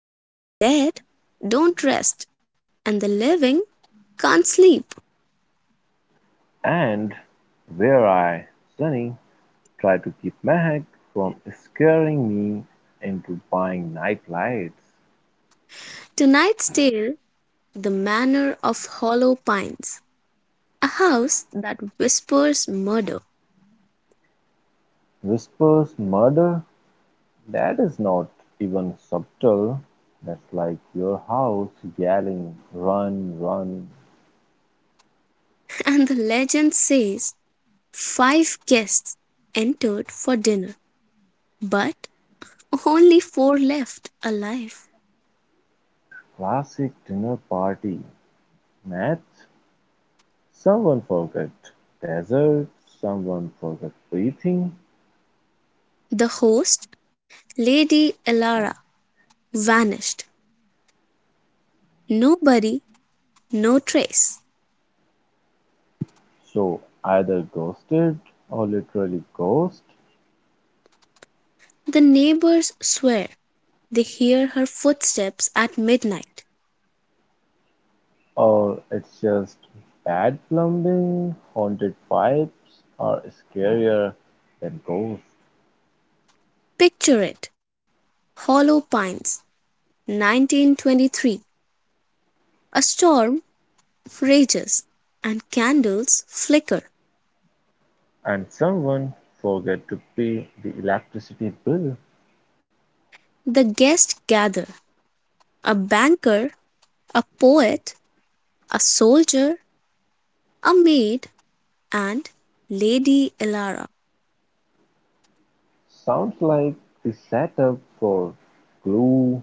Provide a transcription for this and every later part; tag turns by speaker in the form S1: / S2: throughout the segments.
S1: where the dead don't rest and the living can't sleep.
S2: And where I, Sunny, try to keep Meg from scaring me into buying nightlights.
S1: Tonight's tale: The Manor of Hollow Pines, a house that whispers murder,
S2: Whispers murder that is not even subtle. That's like your house yelling, run, run.
S1: and the legend says five guests entered for dinner, but only four left alive.
S2: Classic dinner party. Math, someone forgot dessert, someone forgot breathing.
S1: The host, Lady Elara, vanished. Nobody, no trace.
S2: So either ghosted or literally ghost.
S1: The neighbors swear they hear her footsteps at midnight.
S2: Or it's just bad plumbing, haunted pipes are scarier than ghosts,
S1: Picture it! Hollow Pines, 1923. A storm rages, and candles flicker.
S2: and someone forget to pay the electricity bill.
S1: The guests gather: a banker, a poet, a soldier, a maid, and Lady Elara.
S2: Sounds like the setup for glue,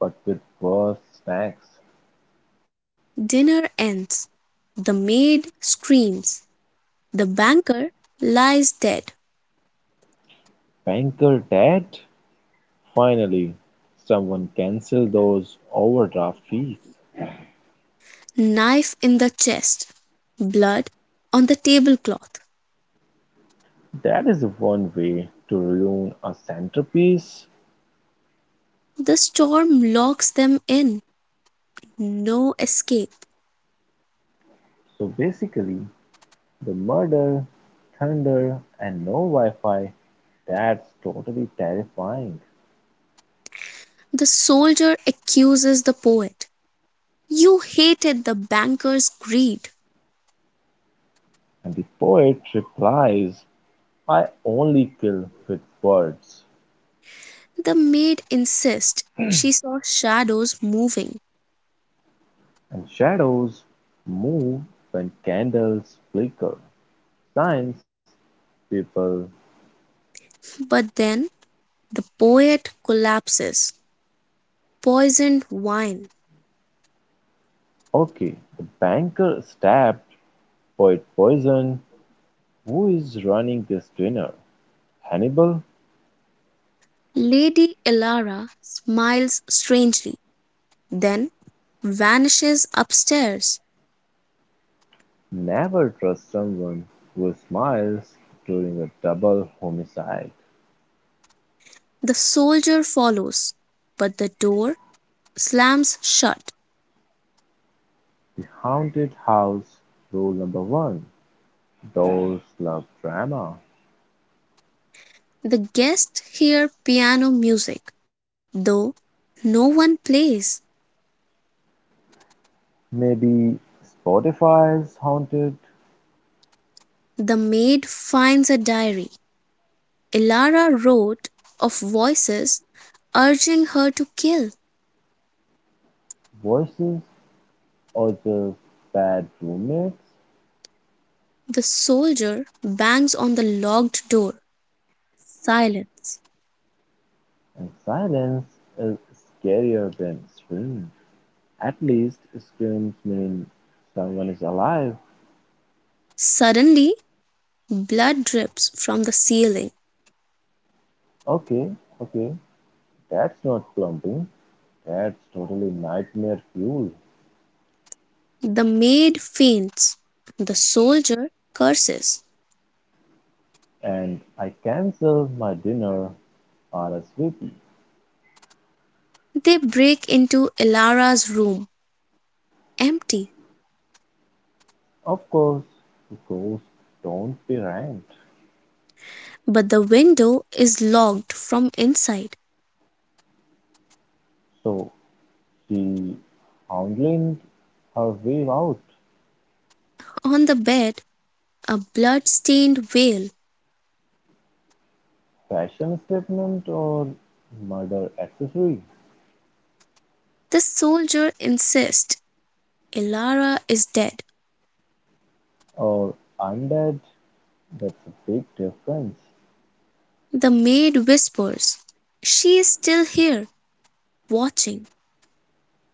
S2: but with worse snacks.
S1: Dinner ends. The maid screams. The banker lies dead.
S2: Banker Dad? Finally, someone cancel those overdraft fees.
S1: Knife in the chest, blood on the tablecloth.
S2: That is one way to ruin a centerpiece.
S1: The storm locks them in. No escape.
S2: So basically, the murder, thunder, and no Wi-Fi, that's totally terrifying.
S1: The soldier accuses the poet. You hated the banker's greed.
S2: And the poet replies, I only kill with words,
S1: The maid insists she saw shadows moving.
S2: and shadows move when candles flicker. Science, people,
S1: But then the poet collapses. Poisoned wine.
S2: okay. The banker stabbed, poet poison. Who is running this dinner? Hannibal?
S1: Lady Elara smiles strangely, then vanishes upstairs.
S2: Never trust someone who smiles during a double homicide.
S1: The soldier follows, but the door slams shut.
S2: The haunted house (rule number one), dolls love drama.
S1: The guests hear piano music, though no one plays.
S2: Maybe Spotify's haunted.
S1: The maid finds a diary Ilara wrote of voices urging her to kill.
S2: Voices or just bad roommates,
S1: The soldier bangs on the locked door. Silence.
S2: and silence is scarier than screams. At least screams mean someone is alive.
S1: Suddenly blood drips from the ceiling.
S2: Okay, okay, that's not plumping. That's totally nightmare fuel.
S1: The maid faints. The soldier curses.
S2: And I cancel my dinner RSVP.
S1: They break into Elara's room, empty,
S2: Of course, ghosts don't pay rent,
S1: but the window is locked from inside.
S2: so she hoodwinked her way out.
S1: On the bed a blood stained veil.
S2: Fashion statement or murder accessory,
S1: The soldier insists Elara is dead.
S2: or undead, that's a big difference.
S1: The maid whispers she is still here, watching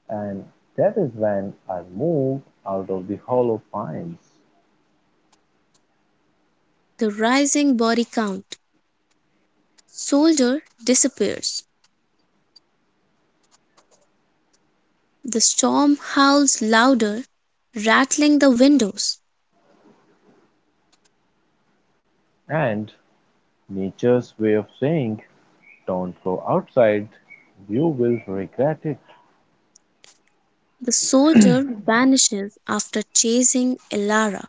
S2: And that is when I moved out of the hollow pines.
S1: the rising body count. Soldier disappears. The storm howls louder, rattling the windows.
S2: And nature's way of saying, don't go outside, you will regret it.
S1: The soldier vanishes after chasing Elara.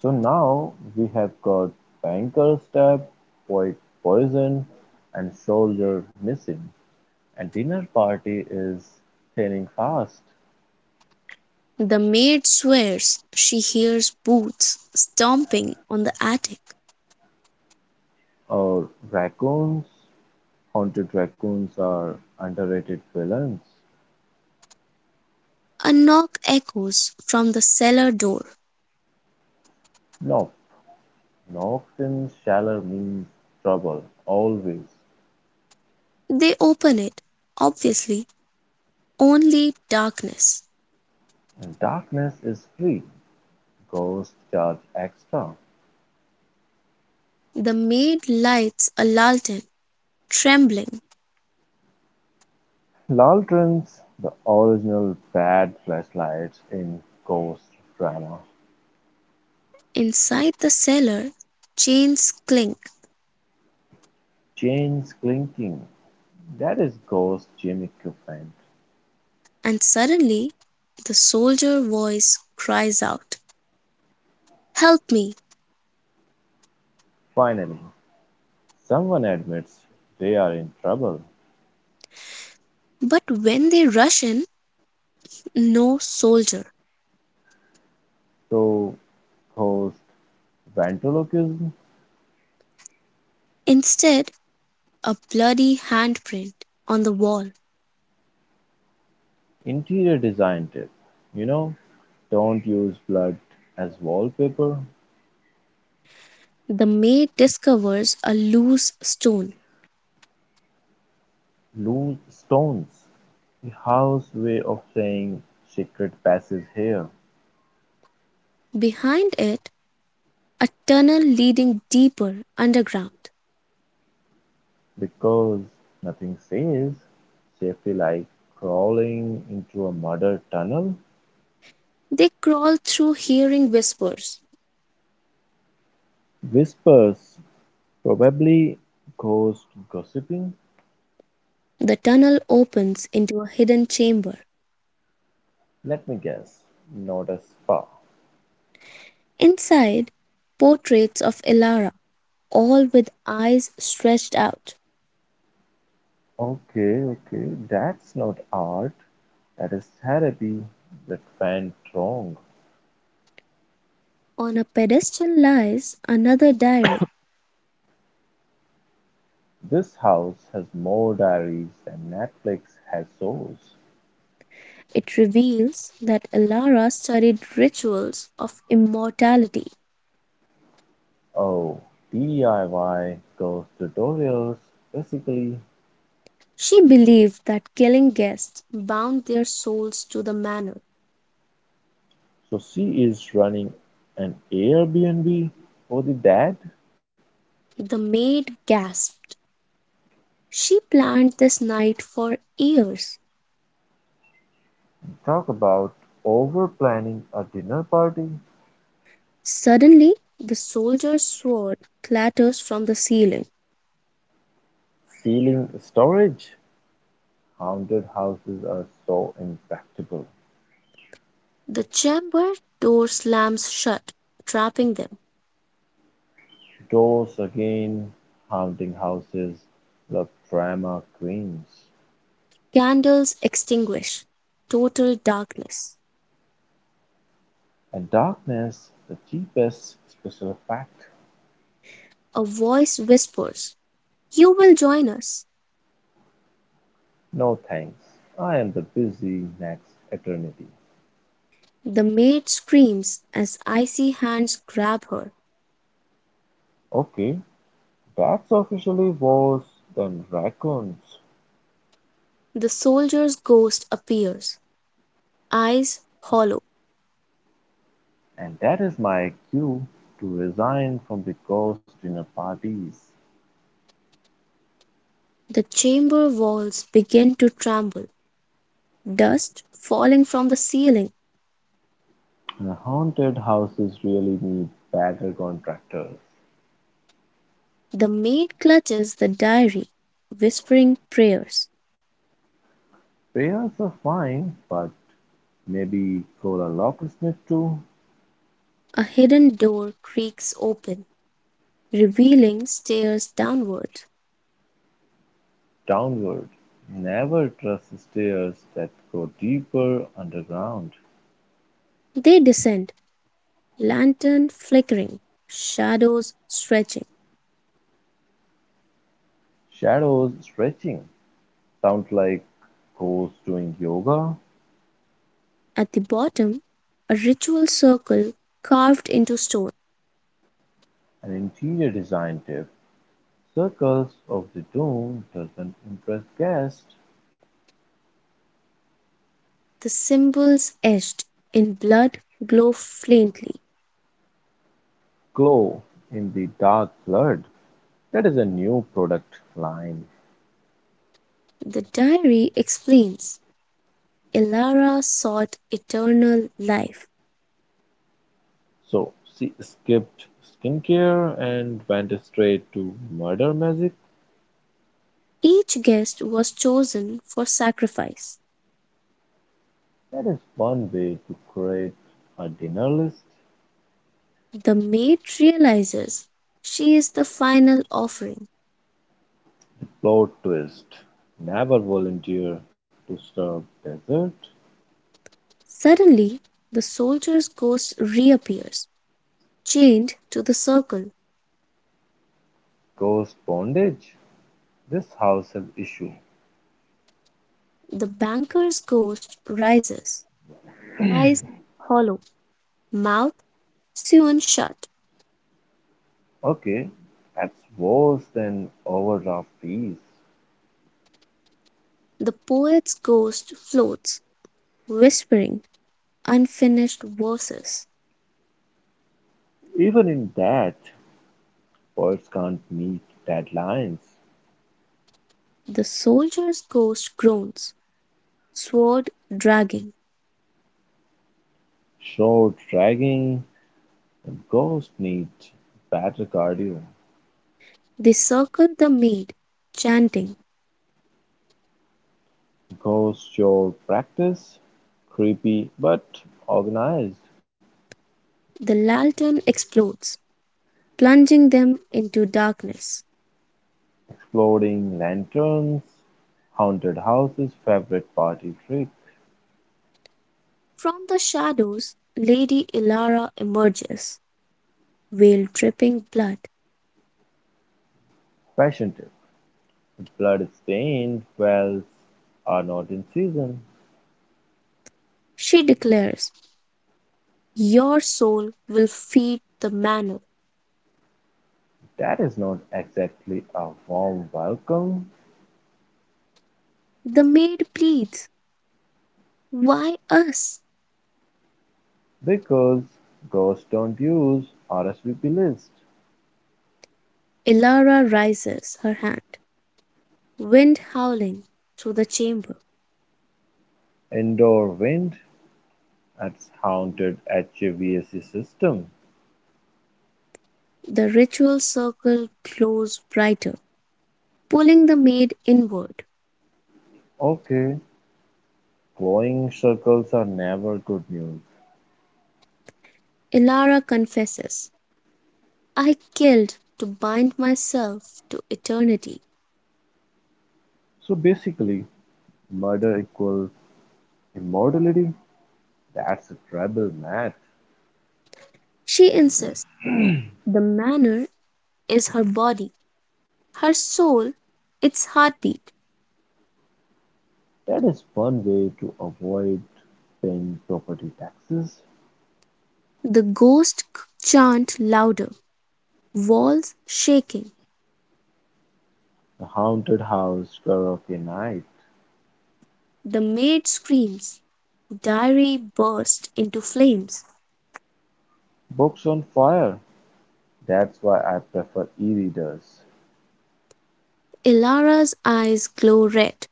S2: So now we have got banker's stab, poet poisoned, and soldier missing. And dinner party is thinning fast.
S1: The maid swears she hears boots stomping on the attic.
S2: Or raccoons, haunted raccoons are underrated villains.
S1: A knock echoes from the cellar door.
S2: No, Knox in Shaller means trouble, always.
S1: They open it, obviously only darkness.
S2: And darkness is free. Ghosts charge extra.
S1: The maid lights a lantern, trembling.
S2: Lanterns, the original bad flashlight in ghost drama.
S1: Inside the cellar chains clink,
S2: Chains clinking, that is ghost gym equipment.
S1: and suddenly the soldier voice cries out, "Help me!"
S2: Finally, someone admits they are in trouble.
S1: But when they rush in, no soldier.
S2: So, ghost ventriloquism,
S1: Instead a bloody handprint on the wall.
S2: interior design tip. You know, don't use blood as wallpaper.
S1: The maid discovers a loose stone.
S2: Lose stones, the house way of saying secret passes here,
S1: Behind it, a tunnel leading deeper underground.
S2: because nothing says safely like crawling into a murder tunnel.
S1: They crawl through hearing whispers.
S2: Whispers probably ghost gossiping?
S1: The tunnel opens into a hidden chamber.
S2: Let me guess, not a spa.
S1: Inside, portraits of Ilara, all with eyes stretched out.
S2: Okay, okay, that's not art. That is therapy that went wrong.
S1: On a pedestal lies another diary.
S2: This house has more diaries than Netflix has shows.
S1: It reveals that Ilara studied rituals of immortality.
S2: Oh, DIY ghost tutorials, basically.
S1: She believed that killing guests bound their souls to the manor.
S2: So she is running an Airbnb for the dead?
S1: The maid gasped. She planned this night for years.
S2: Talk about over planning a dinner party.
S1: Suddenly the soldier's sword clatters from the ceiling.
S2: Ceiling storage. Haunted houses are so impractical.
S1: The chamber door slams shut, trapping them.
S2: Doors again, haunting houses love drama queens.
S1: Candles extinguish. Total darkness.
S2: And darkness, the cheapest special effect.
S1: A voice whispers, "You will join us."
S2: No thanks. I am the busy next eternity.
S1: The maid screams as icy hands grab her.
S2: Okay, that's officially worse than raccoons.
S1: The soldier's ghost appears, eyes hollow.
S2: And that is my cue to resign from the ghost dinner parties.
S1: The chamber walls begin to tremble, dust falling from the ceiling.
S2: The haunted houses really need better contractors.
S1: The maid clutches the diary, whispering prayers.
S2: Pears are fine, but maybe call a locksmith too.
S1: A hidden door creaks open, revealing stairs downward.
S2: Downward. Never trust stairs that go deeper underground.
S1: They descend, lantern flickering, shadows stretching.
S2: Shadows stretching. Sounds like ghosts doing yoga.
S1: At the bottom, a ritual circle carved into stone.
S2: An interior design tip. Circles of the Doom doesn't impress guests.
S1: The symbols etched in blood glow faintly.
S2: Glow in the dark blood. That is a new product line.
S1: The diary explains Ilara sought eternal life.
S2: So she skipped skincare and went straight to murder magic.
S1: Each guest was chosen for sacrifice.
S2: That is one way to create a dinner list.
S1: The maid realizes she is the final offering.
S2: Plot twist. Never volunteer to serve dessert.
S1: Suddenly, the soldier's ghost reappears, chained to the circle.
S2: Ghost bondage. This house has issue.
S1: The banker's ghost rises, eyes hollow, mouth sewn shut.
S2: Okay, that's worse than overdraft fees.
S1: The poet's ghost floats, whispering unfinished verses,
S2: Even in that, poets can't meet deadlines.
S1: the soldier's ghost groans, sword dragging.
S2: Short dragging. Ghosts need better cardio.
S1: They circle the maid, chanting.
S2: Ghost your practice. Creepy but organized.
S1: The lantern explodes, plunging them into darkness.
S2: Floating lanterns, haunted houses' favorite party trick.
S1: From the shadows Lady Ilara emerges, veil dripping blood.
S2: Fashion tip. Blood-stained wells are not in season.
S1: She declares, "Your soul will feed the manor."
S2: That is not exactly a warm welcome
S1: The maid pleads, "Why us?"
S2: because ghosts don't use RSVP list.
S1: Ilara raises her hand. Wind howling through the chamber,
S2: Indoor wind, that's haunted HVAC system.
S1: the ritual circle glows brighter, pulling the maid inward.
S2: Okay, glowing circles are never good news.
S1: Ilara confesses, "I killed to bind myself to eternity."
S2: So basically, murder equals immortality. That's a trouble, man.
S1: She insists, "The manor is her body, her soul its heartbeat."
S2: That is one way to avoid paying property taxes.
S1: The ghosts chant louder, walls shaking.
S2: The haunted house karaoke night.
S1: The maid screams, diary bursts into flames.
S2: Books on fire. That's why I prefer e-readers.
S1: Ilara's eyes glow red.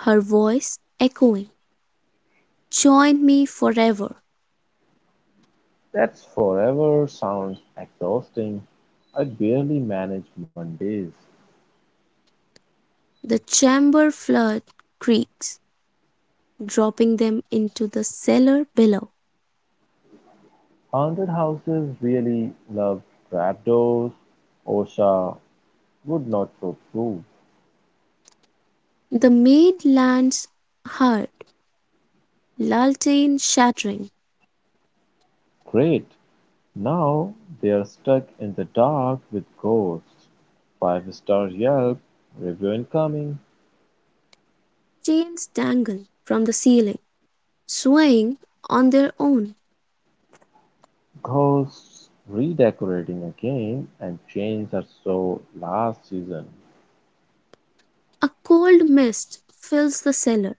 S1: Her voice echoing, "Join me forever!"
S2: That's forever sounds exhausting. I barely manage Mondays.
S1: The chamber flood creaks, dropping them into the cellar below.
S2: Haunted houses really love trapdoors. OSHA would not approve.
S1: The maid lands hard, lantern shattering,
S2: Great. Now they're stuck in the dark with ghosts. Five-star Yelp review incoming.
S1: chains dangle from the ceiling, swaying on their own.
S2: Ghosts redecorating again, and chains are so last season.
S1: A cold mist fills the cellar,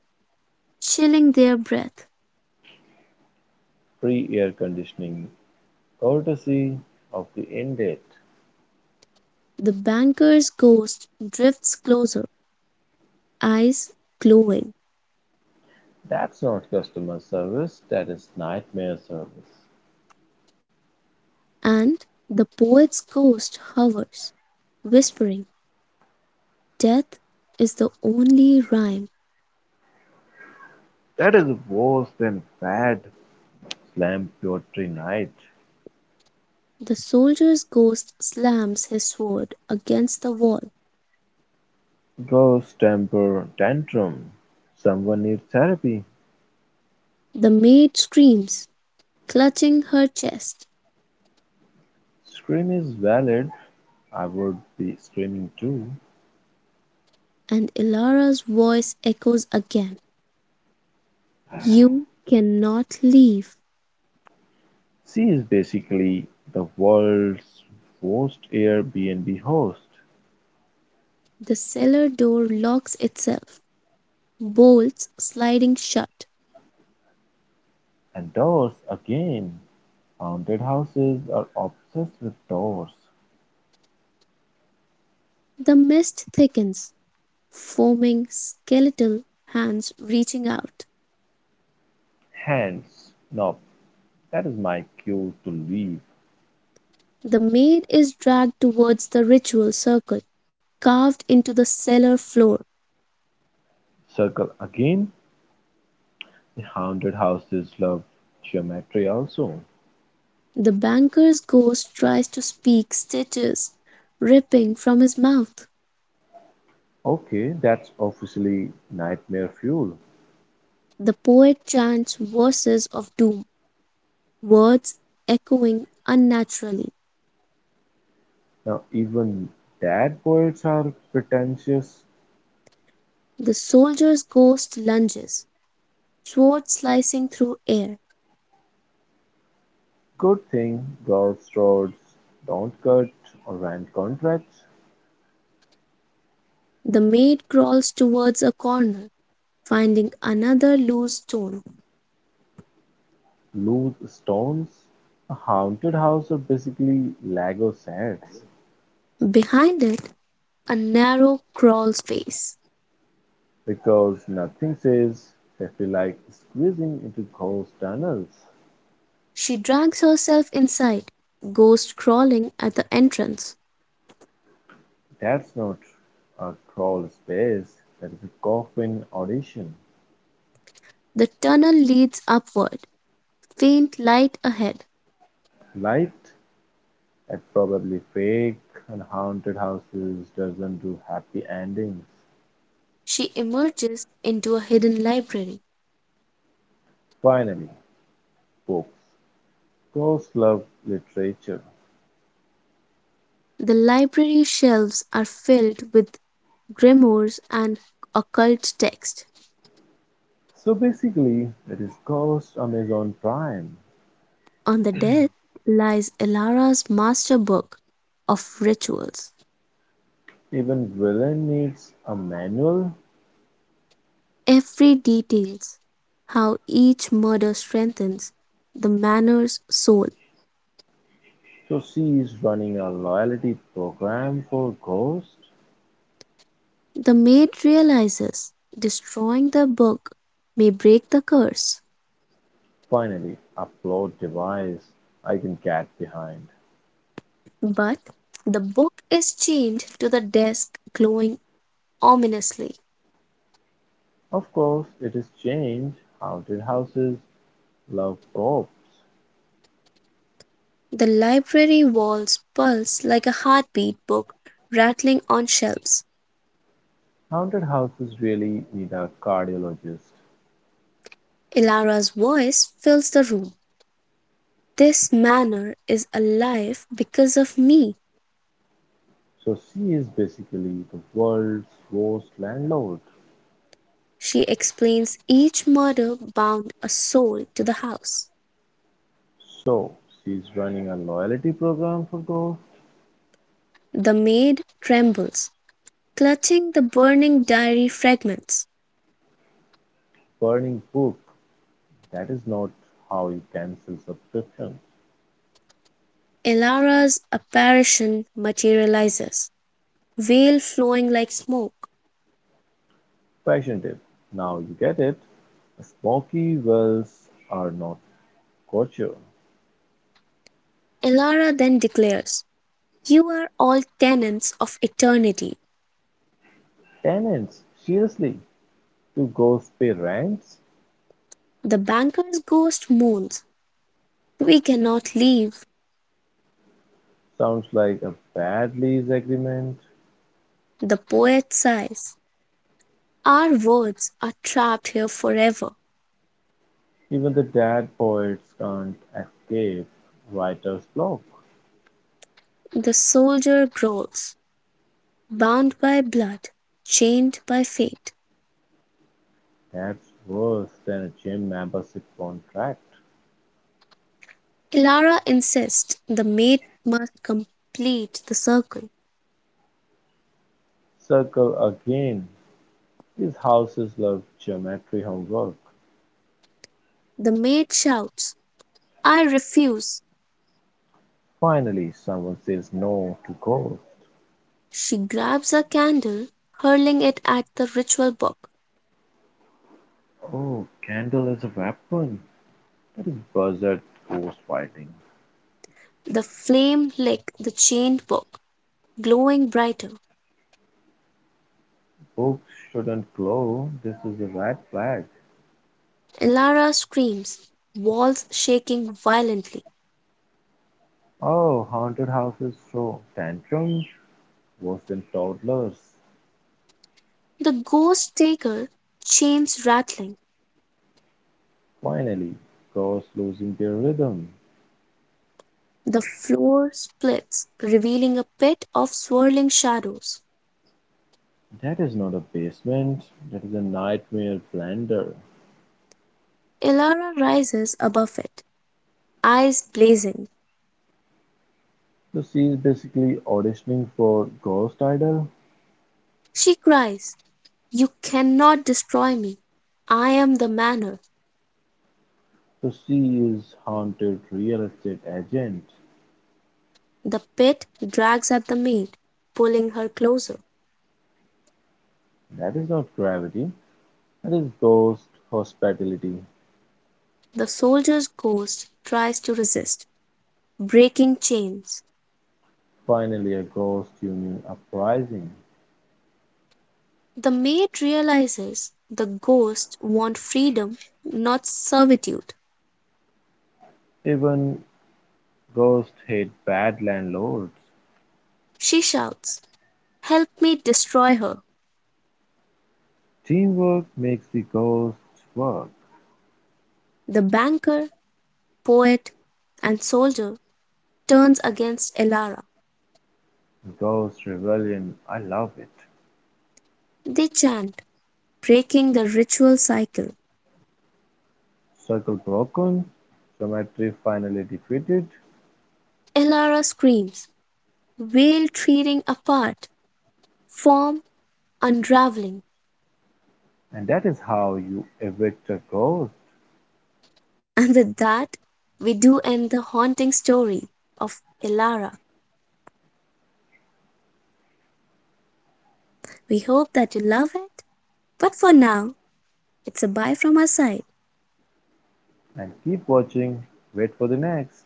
S1: chilling their breath.
S2: Free air conditioning, courtesy of the end date.
S1: The banker's ghost drifts closer, eyes glowing.
S2: That's not customer service, that is nightmare service.
S1: And the poet's ghost hovers, whispering, "Death is the only rhyme."
S2: That is worse than bad slam poetry night.
S1: The soldier's ghost slams his sword against the wall.
S2: Ghost temper tantrum. Someone needs therapy.
S1: The maid screams, clutching her chest,
S2: Scream is valid, I would be screaming too.
S1: and Ilara's voice echoes again: "You cannot leave."
S2: She is basically the world's worst Airbnb host.
S1: The cellar door locks itself, bolts sliding shut.
S2: And doors again. Haunted houses are obsessed with doors.
S1: The mist thickens, foaming, skeletal hands reaching out.
S2: Hands. Nope, that is my cue to leave.
S1: The maid is dragged towards the ritual circle carved into the cellar floor.
S2: Circle again. The haunted houses love geometry also.
S1: The banker's ghost tries to speak stitches ripping from his mouth.
S2: Okay, that's officially nightmare fuel.
S1: The poet chants verses of doom, words echoing unnaturally.
S2: Now even dad poets are pretentious.
S1: The soldier's ghost lunges, sword slicing through air.
S2: Good thing golf roads don't cut or rent contracts.
S1: The maid crawls towards a corner, finding another loose stone.
S2: Loose stones. A haunted house are basically Lego sets,
S1: Behind it, a narrow crawl space.
S2: because nothing says safety like squeezing into ghost tunnels.
S1: She drags herself inside, ghost crawling at the entrance.
S2: That's not a crawl space, that is a coffin audition.
S1: The tunnel leads upward, faint light ahead.
S2: Light at probably fake, and haunted houses doesn't do happy endings.
S1: She emerges into a hidden library.
S2: Finally, books. Ghosts love literature.
S1: The library shelves are filled with grimoires and occult texts.
S2: So basically, it is cost Amazon Prime.
S1: On the desk lies Ilara's master book of rituals.
S2: Even villain needs a manual,
S1: Every details how each murder strengthens the manor's soul.
S2: so she is running a loyalty program for ghost.
S1: The maid realizes destroying the book may break the curse,
S2: Finally, a plot device I can get behind.
S1: but the book is chained to the desk, glowing ominously.
S2: Of course, it is changed. Haunted houses love props.
S1: The library walls pulse like a heartbeat, book rattling on shelves.
S2: Haunted houses really need a cardiologist.
S1: Ilara's voice fills the room. This manor is alive because of me.
S2: So she is basically the world's worst landlord.
S1: She explains each murder bound a soul to the house.
S2: So she is running a loyalty program for ghost.
S1: The maid trembles, clutching the burning diary fragments,
S2: Burning book. That is not how you cancel subscription.
S1: Elara's apparition materializes, veil flowing like smoke.
S2: Fashion tip. Now you get it. Smoky wells are not culture.
S1: Elara then declares, "You are all tenants of eternity."
S2: Tenants, seriously, to ghosts pay rents?
S1: The banker's ghost moans, "We cannot leave."
S2: Sounds like a bad lease agreement.
S1: The poet sighs, "Our words are trapped here forever."
S2: Even the dad poets can't escape writer's block.
S1: The soldier growls, "Bound by blood, chained by fate."
S2: That's worse than a gym membership contract.
S1: Elara insists the maid must complete the circle.
S2: Circle again. These houses love geometry homework.
S1: The maid shouts, "I refuse!"
S2: Finally, someone says no to ghost.
S1: She grabs a candle, hurling it at the ritual book.
S2: Oh, candle is a weapon. That is buzzard ghost fighting.
S1: The flame lick the chained book, glowing brighter.
S2: Books shouldn't glow. This is a red flag.
S1: Elara screams, walls shaking violently,
S2: Oh, haunted houses throw tantrums worse than toddlers.
S1: the ghost taker chains rattling.
S2: Finally, ghosts losing their rhythm.
S1: The floor splits, revealing a pit of swirling shadows.
S2: That is not a basement. That is a nightmare blender.
S1: Elara rises above it, eyes blazing.
S2: So she is basically auditioning for Ghost Idol.
S1: She cries, "You cannot destroy me. I am the manor."
S2: So she is haunted real estate agent.
S1: The pit drags at the maid, pulling her closer.
S2: That is not gravity, that is ghost hospitality.
S1: The soldier's ghost tries to resist, breaking chains.
S2: Finally, a ghost union uprising.
S1: The maid realizes the ghosts want freedom, not servitude.
S2: Even ghosts hate bad landlords.
S1: She shouts, "Help me destroy her!"
S2: Teamwork makes the ghosts work.
S1: The banker, poet, and soldier turns against Elara.
S2: Ghost rebellion, I love it.
S1: They chant, breaking the ritual cycle.
S2: Circle broken, geometry finally defeated,
S1: Elara screams, veil tearing apart, form unraveling.
S2: and that is how you evict a ghost.
S1: And with that, we do end the haunting story of Elara. We hope that you love it. But for now, it's a bye from our side.
S2: And keep watching, wait for the next.